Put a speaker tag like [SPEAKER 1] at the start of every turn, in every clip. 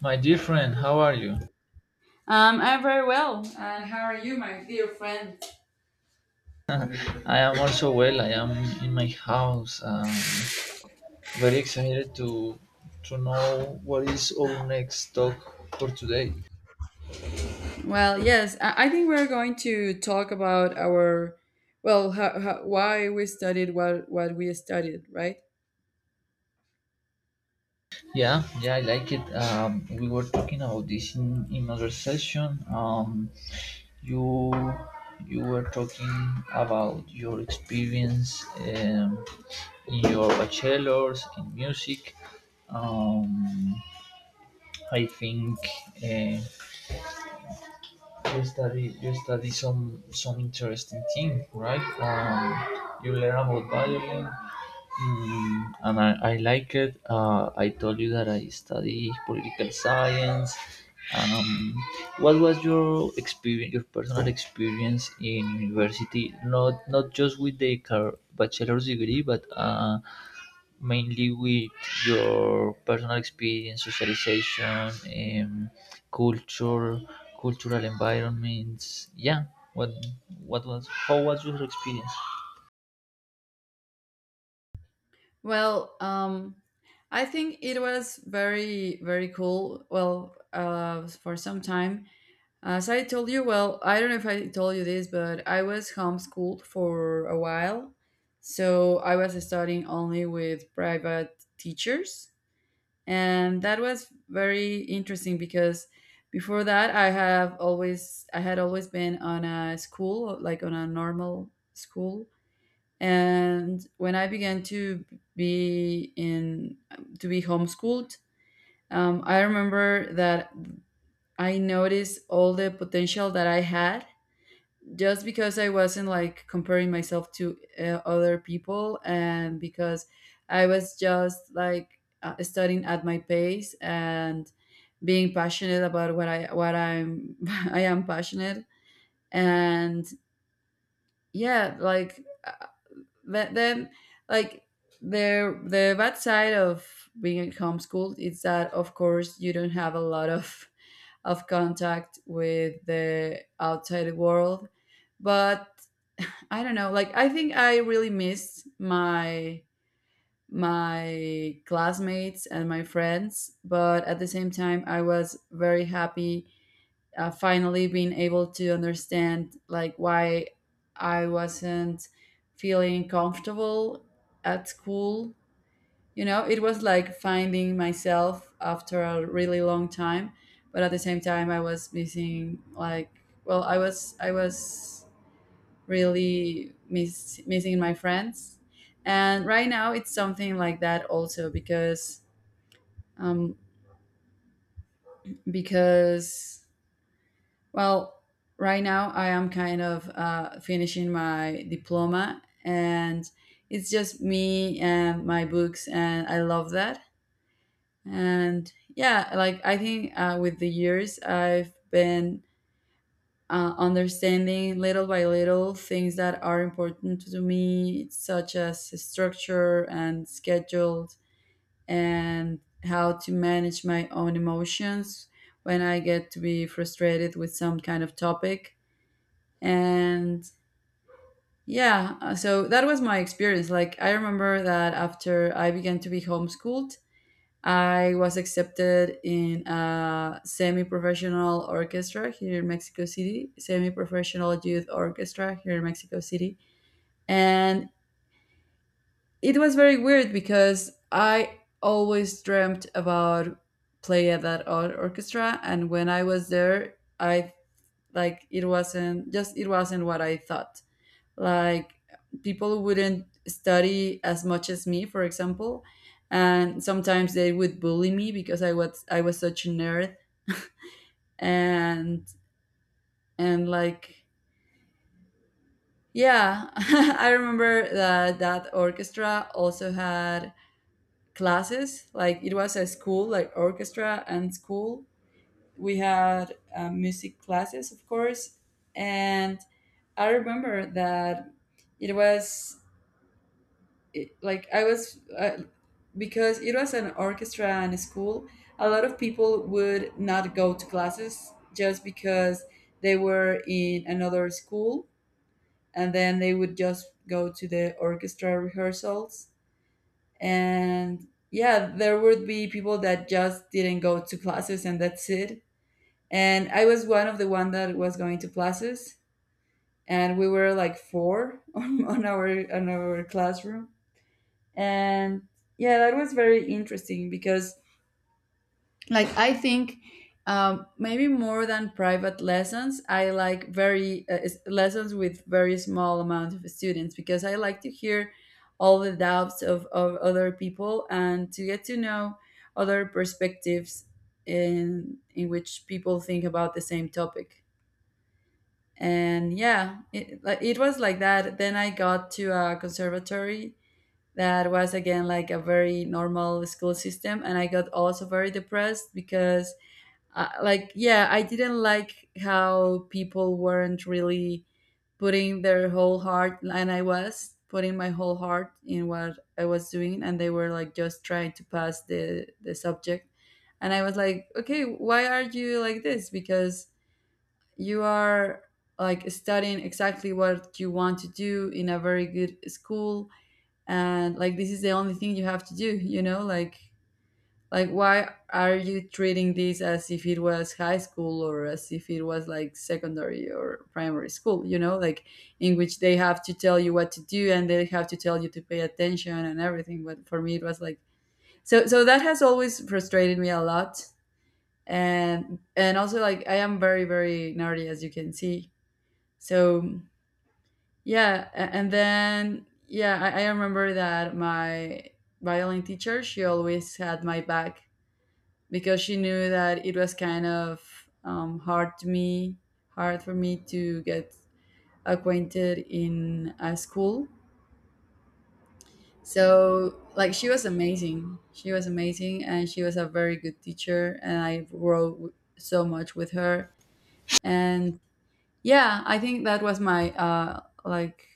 [SPEAKER 1] My dear friend, how are you?
[SPEAKER 2] I'm very well. And how are you, my dear friend?
[SPEAKER 1] I am also well. I am in my house. Very excited to know what is our next talk for today.
[SPEAKER 2] Well, yes, I think we're going to talk about our, well, how, why we studied what we studied, right?
[SPEAKER 1] Yeah, yeah, I like it. We were talking about this in other session. You you were talking about your experience in your bachelor's in music. Um, I think. Uh, you study some interesting thing, right? You learn about violin, and I like it. I told you that I study political science. um, what was your experience, your personal experience in university? Not just with the bachelor's degree, but mainly with your personal experience, socialization, um, culture, cultural environments. Yeah. What what was How was your experience?
[SPEAKER 2] Well, I think it was very cool. Well, for some time, as I told you, well, I don't know if I told you this, but I was homeschooled for a while, so I was studying only with private teachers and that was very interesting because before that I had always been on a school, like on a normal school, and when I began to be in to be homeschooled, I remember that I noticed all the potential that I had just because I wasn't like comparing myself to other people, and because I was just like studying at my pace and being passionate about what I what I'm I am passionate. And yeah, th- then like the bad side of being homeschooled is that of course you don't have a lot of contact with the outside world. But I don't know, like I think I really missed my my classmates and my friends, but at the same time I was very happy, finally being able to understand like why I wasn't feeling comfortable at school. You know, it was like finding myself after a really long time, but at the same time I was missing like well, I was really missing my friends. And right now it's something like that also because um because well, right now I am kind of finishing my diploma, and it's just me and my books, and I love that. And yeah, like I think with the years I've been understanding little by little things that are important to me, such as structure and schedule and how to manage my own emotions when I get to be frustrated with some kind of topic. And yeah, so that was my experience. Like I remember that after I began to be homeschooled, I was accepted in a semi professional orchestra here in Mexico City, semi professional youth orchestra here in Mexico City. And it was very weird because I always dreamt about play at that orchestra, and when I was there I it wasn't what I thought. Like people wouldn't study as much as me, for example, and sometimes they would bully me because I was such a nerd. And and like yeah, I remember that that orchestra also had classes. Like it was a school, like orchestra and school. We had music classes, of course, and I remember that it was it, like I was because it was an orchestra and a school, a lot of people would not go to classes just because they were in another school, and then they would just go to the orchestra rehearsals. And yeah, there would be people that just didn't go to classes, and that's it. And I was one of the one that was going to classes, and we were like four on our classroom. And yeah, that was very interesting because like I think, maybe more than private lessons, I like very lessons with very small amount of students because I like to hear all the doubts of other people and to get to know other perspectives in which people think about the same topic. And yeah, it was like that. Then I got to a conservatory that was again like a very normal school system, and I got also very depressed because yeah, I didn't like how people weren't really putting their whole heart, and I was putting my whole heart in what I was doing, and they were like just trying to pass the subject. And I was like, okay, why are you like this, because you are like studying exactly what you want to do in a very good school, and like this is the only thing you have to do, you know, like why are you treating this as if it was high school or as if it was like secondary or primary school, you know, like in which they have to tell you what to do and they have to tell you to pay attention and everything, but for me it was like so that has always frustrated me a lot. And also like I am very nerdy, as you can see. So yeah, a- and then yeah, I remember that my violin teacher, she always had my back because she knew that it was kind of hard to me, hard for me to get acquainted in a school. So like she was amazing, and she was a very good teacher, and I wrote so much with her. And yeah, I think that was my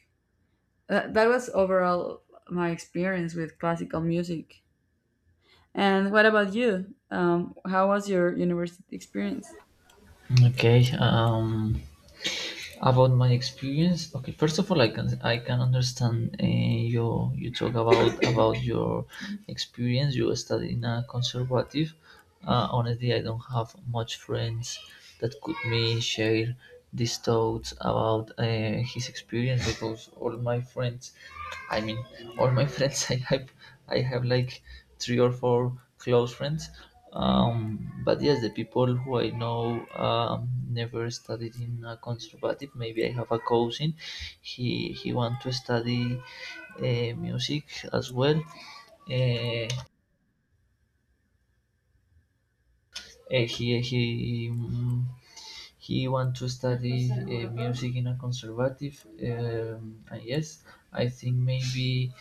[SPEAKER 2] That was overall my experience with classical music. And what about you? How was your university experience?
[SPEAKER 1] Okay. About my experience. Okay. First of all, I can understand you talk about your experience. You study in a conservative. Honestly, I don't have much friends that could me share these thoughts about his experience because all my friends, I mean, all my friends I have like three or four close friends. But yes, the people who I know never studied in a conservative. Maybe I have a cousin. He want to study music as well. Uh, Eh, he he mm, he want to study music in a conservative. And yes, I think maybe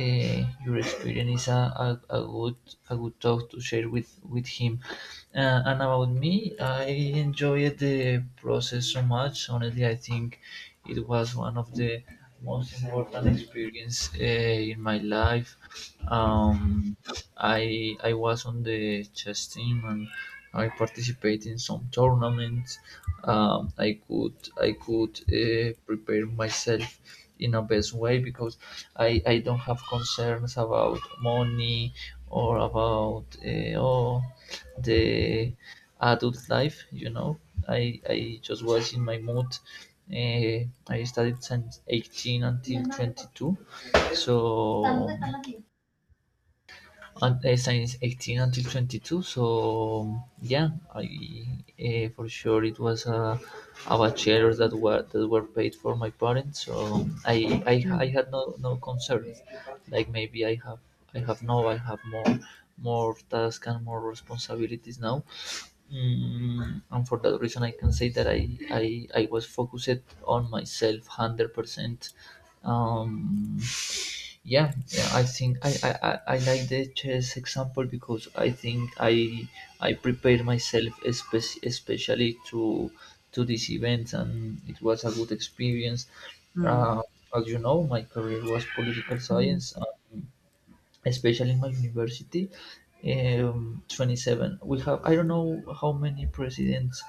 [SPEAKER 1] your experience is a good talk to share with him. And about me, I enjoyed the process so much. Honestly, I think it was one of the most important experience in my life. Um, I was on the chess team, and I participated in some tournaments. I could prepare myself in a best way because I don't have concerns about money or about the adult life. You know, I just was in my mood. I studied since 18 until 22, so un- since 18 until 22. So yeah, I for sure it was a bachelor that were paid for my parents. So I had no concerns. Like maybe I have more tasks and more responsibilities now. And for that reason, I can say that I was focused on myself 100%. Um, yeah, yeah, I think I like the chess example because I think I prepared myself especially to this event, and it was a good experience.
[SPEAKER 2] Hmm.
[SPEAKER 1] Uh, as you know, my career was political
[SPEAKER 2] Mhm.
[SPEAKER 1] science, especially in my university. 27 we have, I don't know how many presidents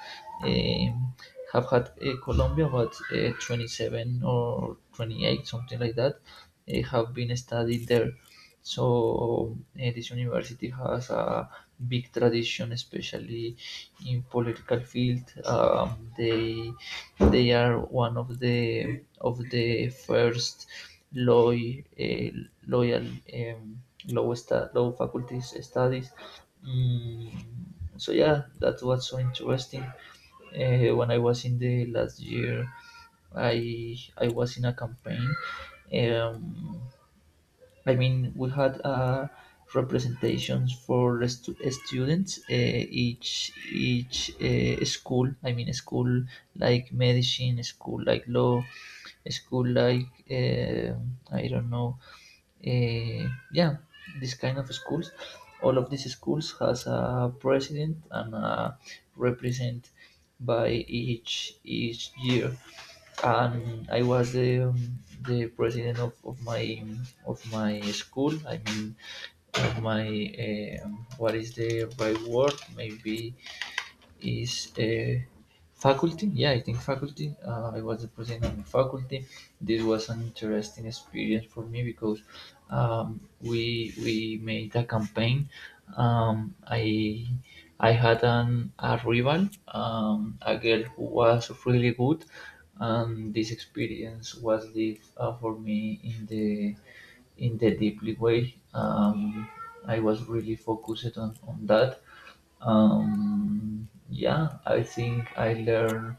[SPEAKER 1] um, have had Colombia, but 27 or 28, something like that have been studied there. This university has a big tradition, especially in political field. They are one of the first loyal loyal um, low faculties studies. Mm, so yeah, that's what's so interesting. When I was in the last year, I was in a campaign. Um, I mean, we had representations for students. Each school. I mean, school like medicine, school like law, school like I don't know. Yeah, this kind of schools. All of these schools has a president and a represent by each year. And I was the president of my school. I mean, of my what is the right word? Maybe is a faculty. Yeah, I think faculty. I was representing the faculty. This was an interesting experience for me because we made a campaign. I had an a rival, a girl who was really good, and this experience was live for me in the deeply way. I was really focused on that. Yeah, I think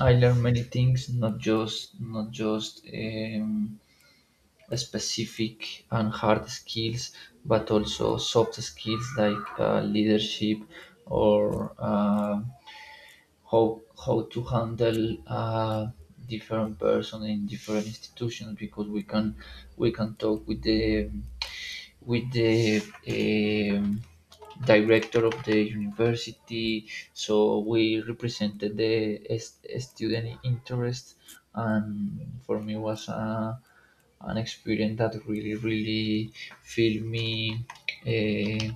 [SPEAKER 1] I learn many things, not just specific and hard skills, but also soft skills like leadership or how to handle uh, different person in different institutions because we can talk with the with the um, director of the university. So we represented the student interest, and for me was a, an experience that really, really filled me, uh,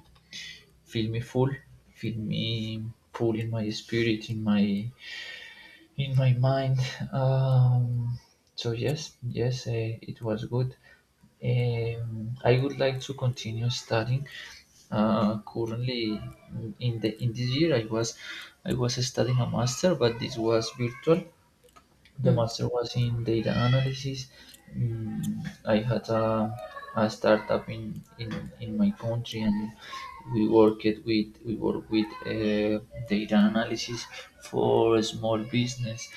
[SPEAKER 1] filled me full, filled me full in my spirit, in my mind. Um, so yes, yes, it was good. I would like to continue studying. Currently, in this year, I was studying a master, but this was virtual. The
[SPEAKER 2] Hmm.
[SPEAKER 1] master was in data analysis. I had a startup in my country, and we work with data analysis for small business.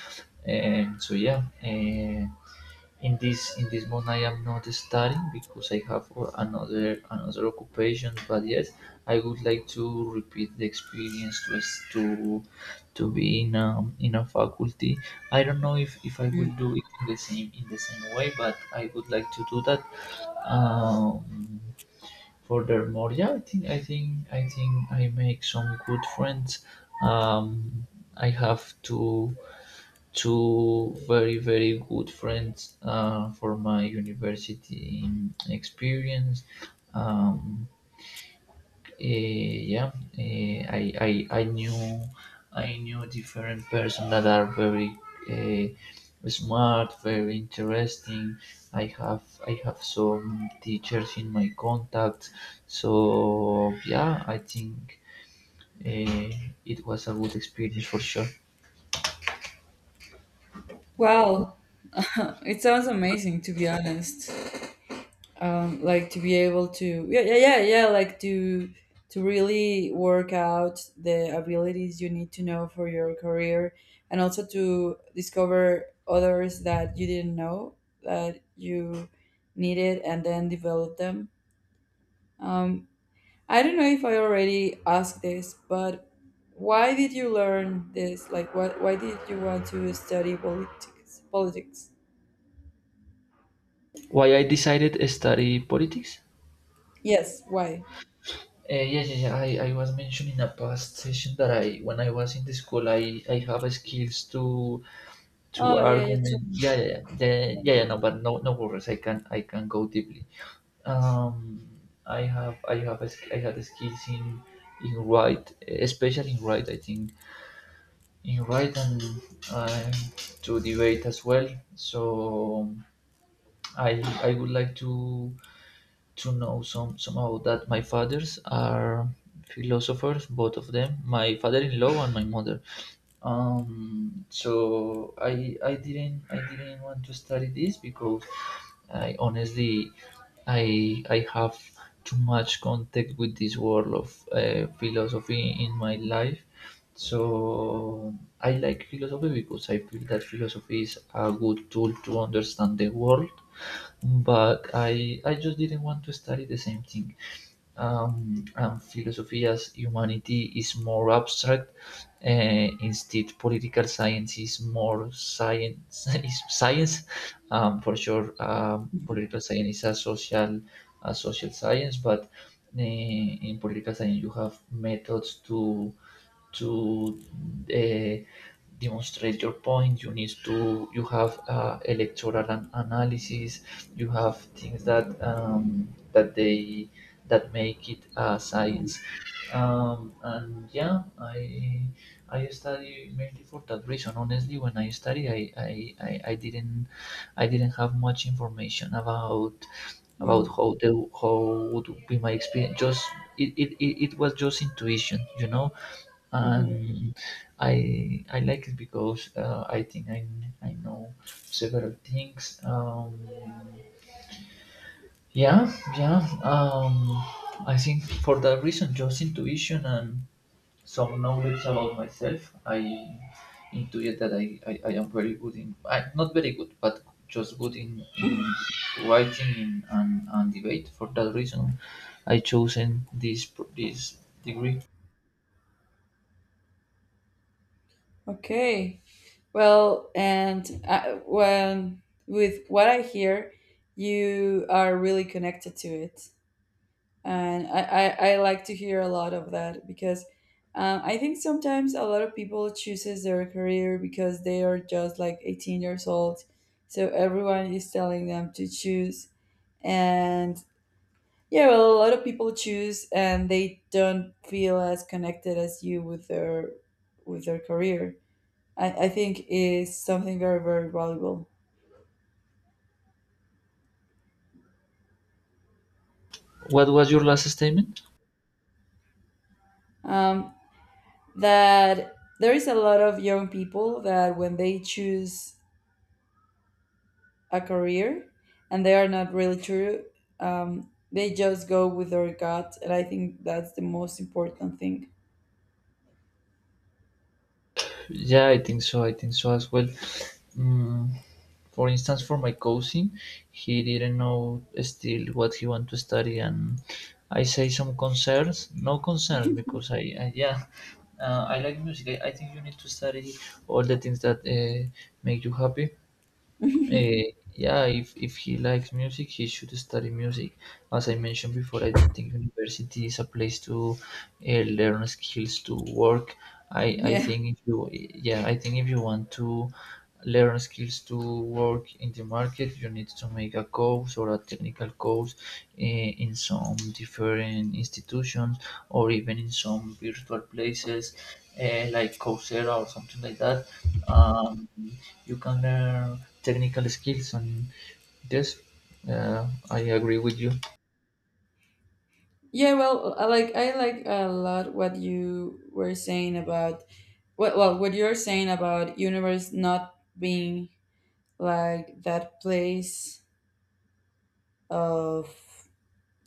[SPEAKER 1] And so yeah, in this month I am not studying because I have another occupation. But yes, I would like to repeat the experience to be in a faculty. I don't know if I
[SPEAKER 2] Hmm.
[SPEAKER 1] will do it in the same way, but I would like to do that. Um, Furthermore, yeah, I think I make some good friends. Um, I have two very very good friends for my university experience. Um, yeah, eh, I, I I knew I knew different person that are very eh, smart, very interesting. I have some teachers in my contact, so yeah, I think eh, it was a good experience for sure.
[SPEAKER 2] Wow, it sounds amazing, to be honest. Like to be able to yeah, like to really work out the abilities you need to know for your career, and also to discover others that you didn't know that you needed and then develop them. Um, I don't know if I already asked this, but why did you learn this? Like, what? Why did you want to study politics? Politics.
[SPEAKER 1] Why I decided to study politics?
[SPEAKER 2] Yes. Why?
[SPEAKER 1] Yes, yes, yeah. I was mentioning a past session that I, when I was in the school, I have skills to
[SPEAKER 2] Oh, yeah. You told
[SPEAKER 1] argument.
[SPEAKER 2] me.
[SPEAKER 1] Yeah, yeah, yeah, yeah, yeah, yeah,
[SPEAKER 2] Yes.
[SPEAKER 1] no, but no, no worries. I can go deeply. Um, I have, a sk- I had skills in write, especially in write. I think in write and uh, to debate as well. So I would like to know some, somehow that my fathers are philosophers, both of them. My father-in-law and my mother. I didn't want to study this because I honestly I have too much contact with this world of philosophy in my life. so I like philosophy because I feel that philosophy is a good tool to understand the world, but I just didn't want to study the same thing. And philosophia's humanity is more abstract. Instead, political science is more science. Is science, for sure.
[SPEAKER 2] Yes.
[SPEAKER 1] Political science is a social science, but in political science you have methods to to uh, demonstrate your point. You need to, you have electoral analysis, you have things that that they that make it
[SPEAKER 2] Mm,
[SPEAKER 1] science. And yeah, I study mainly for that reason. Honestly, when I study, I didn't have much information about how the how would be my experience. Just it was just intuition, you know.
[SPEAKER 2] mm,
[SPEAKER 1] And I like it because I think I know several things. Yeah, yeah. I think for that reason, just intuition and some knowledge about myself, I intuit that I am very good in, I, not very good, but just good
[SPEAKER 2] mhm.
[SPEAKER 1] in writing and debate. For that reason, I chosen this degree.
[SPEAKER 2] Okay. Well, and when with what I hear, you are really connected to it. And I like to hear a lot of that because I think sometimes a lot of people chooses their career because they are just like 18 years old, so everyone is telling them to choose. And yeah, well, a lot of people choose and they don't feel as connected as you with their career. I think is something very valuable.
[SPEAKER 1] What was your last statement?
[SPEAKER 2] Um, that there is a lot of young people that when they choose a career and they are not really true. They just go with their gut, and I think that's the most important thing.
[SPEAKER 1] Yeah, I think so. I think so as well. Mm, for instance, for my cousin, he didn't know still what he want to study, and I say some concerns, no concerns, because I yeah, I like music. I think you need to study all the things that make you happy. Yeah, if he likes music, he should study music. As I mentioned before, I don't think university is a place to learn skills to work. I
[SPEAKER 2] yeah,
[SPEAKER 1] think if you yeah, I think if you want to learn skills to work in the market, you need to make a course or a technical course in some different institutions or even in some virtual places like Coursera or something like that. Um, you can learn technical skills, and yes, I agree with you.
[SPEAKER 2] yeah. Well, I like a lot what you were saying about what you're saying about universe not being like that place of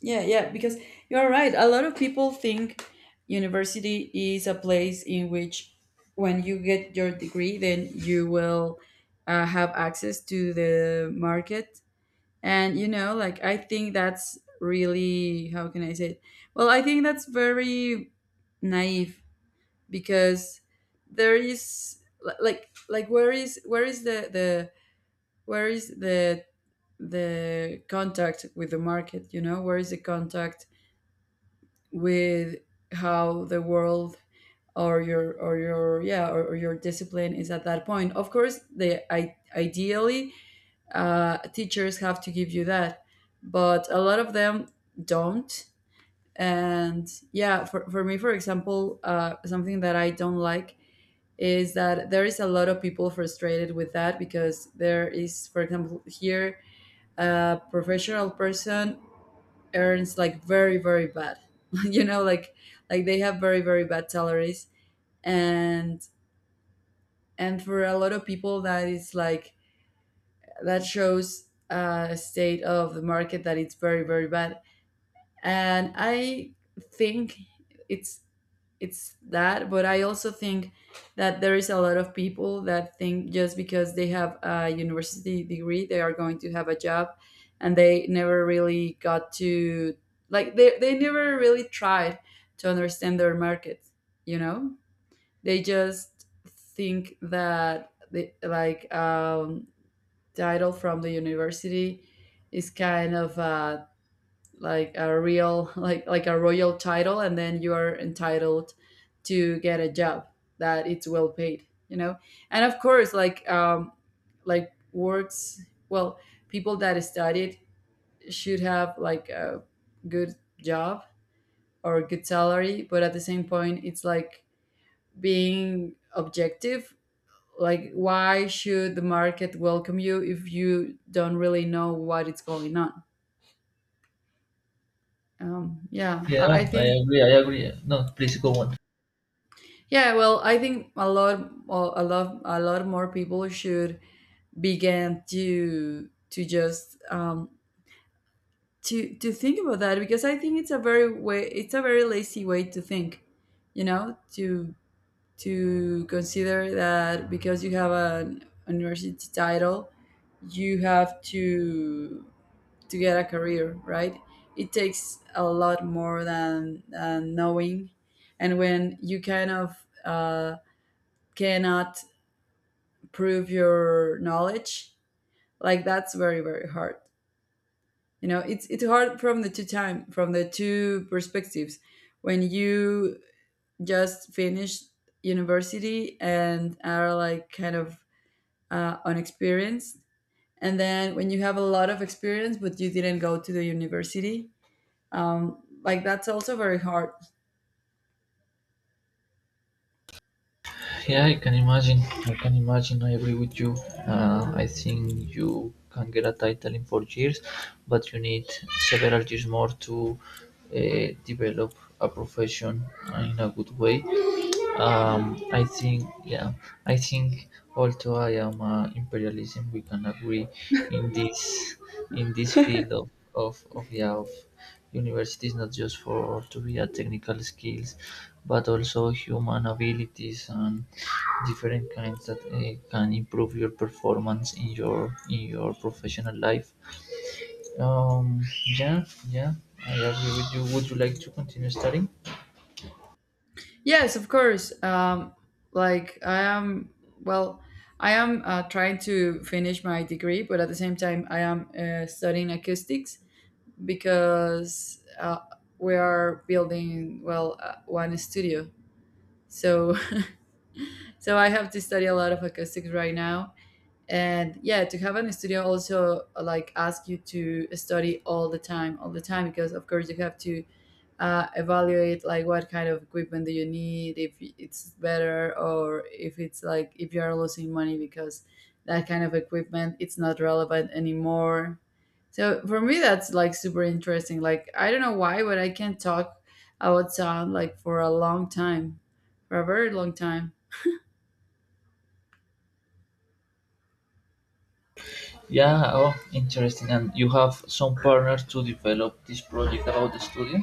[SPEAKER 2] yeah, yeah, because you're right. A lot of people think university is a place in which, when you get your degree, then you will have access to the market. And, you know, like I think that's really, how can I say it? Well, I think that's very naive, because there is where is the contact with the market. You know, where is the contact with how the world or your yeah or your discipline is at that point. Of course they ideally teachers have to give you that, but a lot of them don't. And yeah, for me for example, something that I don't like is that there is a lot of people frustrated with that, because there is, for example here, a professional person earns like very bad you know, like they have very bad salaries. And and for a lot of people that is like that shows a state of the market that it's very bad. And I think it's it's that, but I also think that there is a lot of people that think just because they have a university degree they are going to have a job, and they never really got to like they never really tried to understand their market, you know. They just think that the like title from the university is kind of a like a real a royal title, and then you are entitled to get a job that it's well paid, you know. And of course works well, people that studied should have like a good job or good salary. But at the same point it's like being objective, like why should the market welcome you if you don't really know what is going on. Yeah,
[SPEAKER 1] Yeah,
[SPEAKER 2] I
[SPEAKER 1] I
[SPEAKER 2] think.
[SPEAKER 1] agree. I agree. No, please go on.
[SPEAKER 2] Yeah, I think a lot, well, a lot more people should begin to just to think about that, because I think it's a very way, it's a very lazy way to think, you know, to consider that because you have an university title, you have to get a career, right? It takes a lot more than knowing, and when you kind of cannot prove your knowledge, like that's very very hard. You know, it's hard from the two time from the two perspectives when you just finished university and are like kind of unexperienced, and then when you have a lot of experience but you didn't go to the university. Like that's also very hard.
[SPEAKER 1] Yeah, I can imagine. I can imagine. I agree with you. I think you can get a title in 4 years, but you need several years more to develop a profession in a good way. I think, yeah, I think. Although I am imperialism, we can agree in this in this field of universities, not just for to be a technical skills, but also human abilities and different kinds that can improve your performance in your professional life. Um, yeah, yeah, I agree with you. Would you like to continue studying?
[SPEAKER 2] Yes, of course. Like I am, well, I am trying to finish my degree, but at the same time, I am studying acoustics, because we are building, well, one studio. So, so I have to study a lot of acoustics right now. And yeah, to have an studio also like ask you to study all the time, because of course you have to evaluate like what kind of equipment do you need, if it's better or if it's like if you're losing money because that kind of equipment it's not relevant anymore. So for me that's like super interesting. Like I don't know why, but I can talk about sound like for a long time, for a very long time.
[SPEAKER 1] Yeah, oh, interesting. And you have some partners to develop this project about the studio?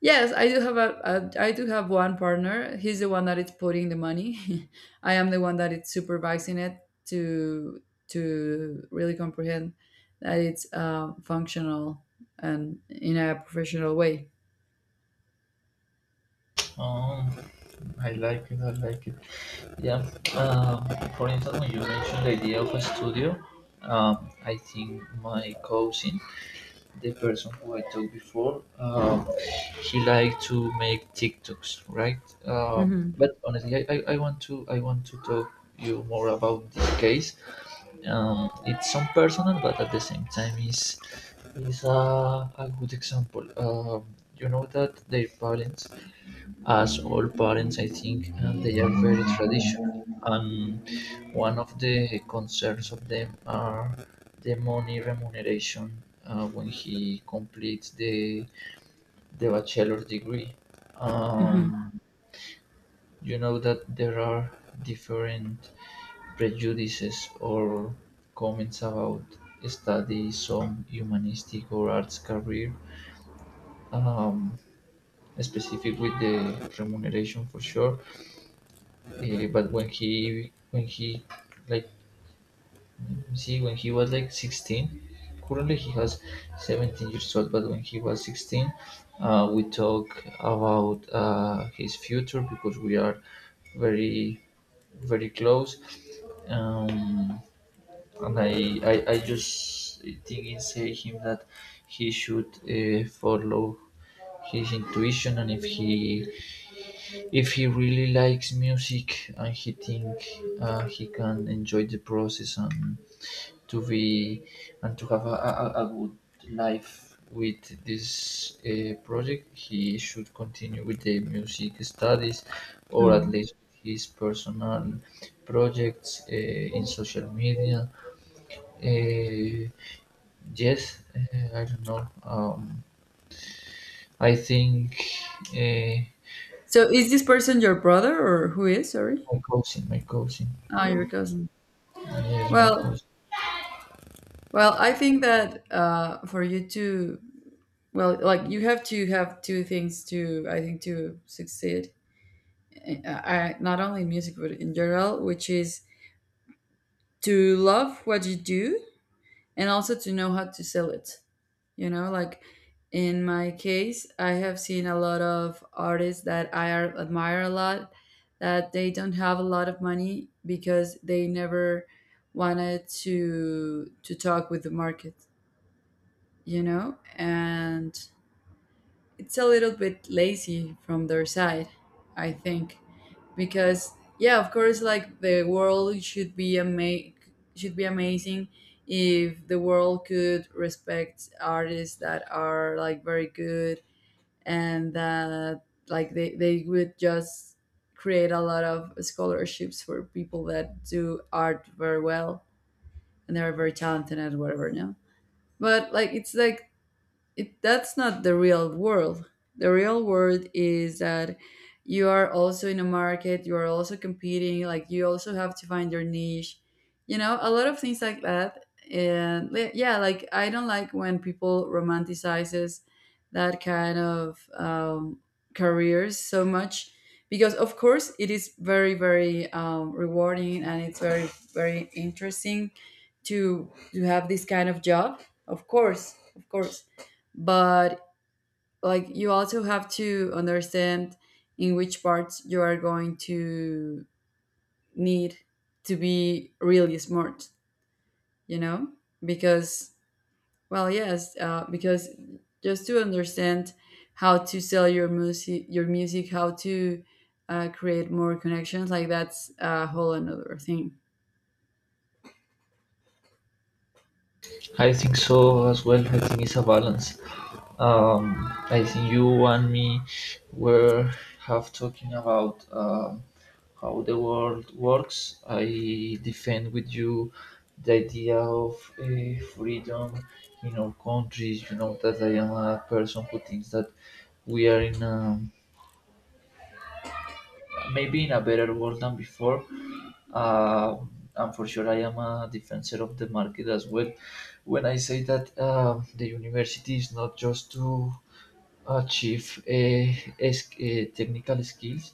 [SPEAKER 2] Yes, I do have a I do have one partner. He's the one that is putting the money. I am the one that is supervising it to to really comprehend that it's functional and in a professional way.
[SPEAKER 1] Um, I like it, I like it. Yeah, um, for instance, when you mentioned the idea of a studio, I think my cousin, the person who I talked before, he liked to make TikToks, right?
[SPEAKER 2] Hmm.
[SPEAKER 1] But honestly, I want to talk you more about this case, it's some personal, but at the same time is a good example. You know that their parents, as all parents, I think, they are very traditional, and one of the concerns of them are the money remuneration when he completes the bachelor degree.
[SPEAKER 2] Hmm.
[SPEAKER 1] Um, you know that there are different prejudices or comments about study some humanistic or arts career, um, specific with the remuneration for sure. Uh, but when he when he like see when he was like 16, currently he has 17 years old, but when he was 16, we talk about his future because we are very very close. Um, and I, I, I just think inside him that he should follow his intuition, and if he really likes music and he think he can enjoy the process and to be and to have a good life with this project, he should continue with the music studies, or at
[SPEAKER 2] Hmm.
[SPEAKER 1] least his personal projects in social media. uh, Yes, I don't know. I think uh,
[SPEAKER 2] So, is this person your brother or who is? Sorry,
[SPEAKER 1] my cousin, my cousin.
[SPEAKER 2] ah, your cousin.
[SPEAKER 1] Yes, my
[SPEAKER 2] Well,
[SPEAKER 1] cousin.
[SPEAKER 2] well, I think that for you to, well, like you have to have two things to, I think, to succeed, not only in music but in general, which is to love what you do and also to know how to sell it. You know, like in my case, I have seen a lot of artists that admire a lot, that they don't have a lot of money because they never wanted to talk with the market, you know? And it's a little bit lazy from their side, I think. Because yeah, of course, like the world should be amazing if the world could respect artists that are like very good, and that like they would just create a lot of scholarships for people that do art very well and they are very talented and whatever, no. But like it's like it, that's not the real world. The real world is that you are also in a market, you are also competing, like you also have to find your niche. You know, a lot of things like that. And yeah, like I don't like when people romanticizes that kind of careers so much, because of course it is very very rewarding and it's very very interesting to have this kind of job, of course, of course. But like you also have to understand in which parts you are going to need to be really smart, you know, because, well, yes, because just to understand how to sell your music, how to create more connections, like that's a whole another thing.
[SPEAKER 1] I think so as well. I think it's a balance. I think you and me were have talking about how the world works. I defend with you the idea of freedom in our countries. You know that I am a person who thinks that we are in a maybe in a better world than before. Uh, and for sure, I am a defender of the market as well. When I say that the university is not just to achieve technical skills,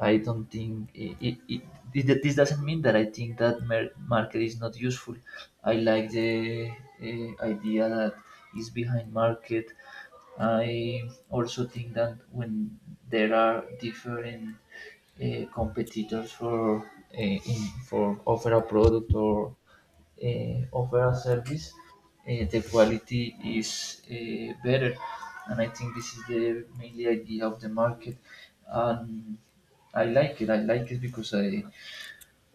[SPEAKER 1] I don't think this doesn't mean that I think that market is not useful. I like the idea that is behind market. I also think that when there are different competitors for for offer a product or offer a service, the quality is better, and I think this is the mainly idea of the market. And I like it, I like it, because i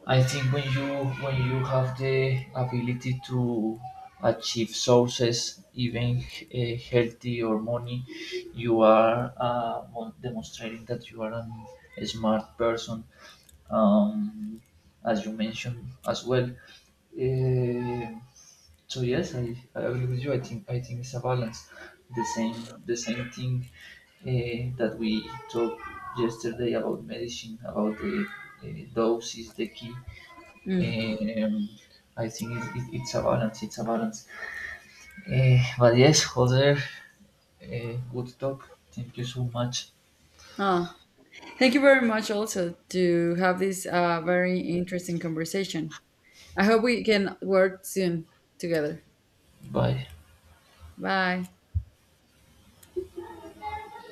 [SPEAKER 1] i think when you have the ability to achieve sources, even healthy or money, you are demonstrating that you are a smart person, um, as you mentioned as well. So yes, I agree with you. I think it's a balance. The same thing that we talked yesterday about medicine, about the dose is the key.
[SPEAKER 2] Mm.
[SPEAKER 1] Um, I think it's a balance. It's a balance. But yes, Jose, good talk. Thank you so much.
[SPEAKER 2] Oh, thank you very much also to have this very interesting conversation. I hope we can work soon together.
[SPEAKER 1] Bye.
[SPEAKER 2] Bye.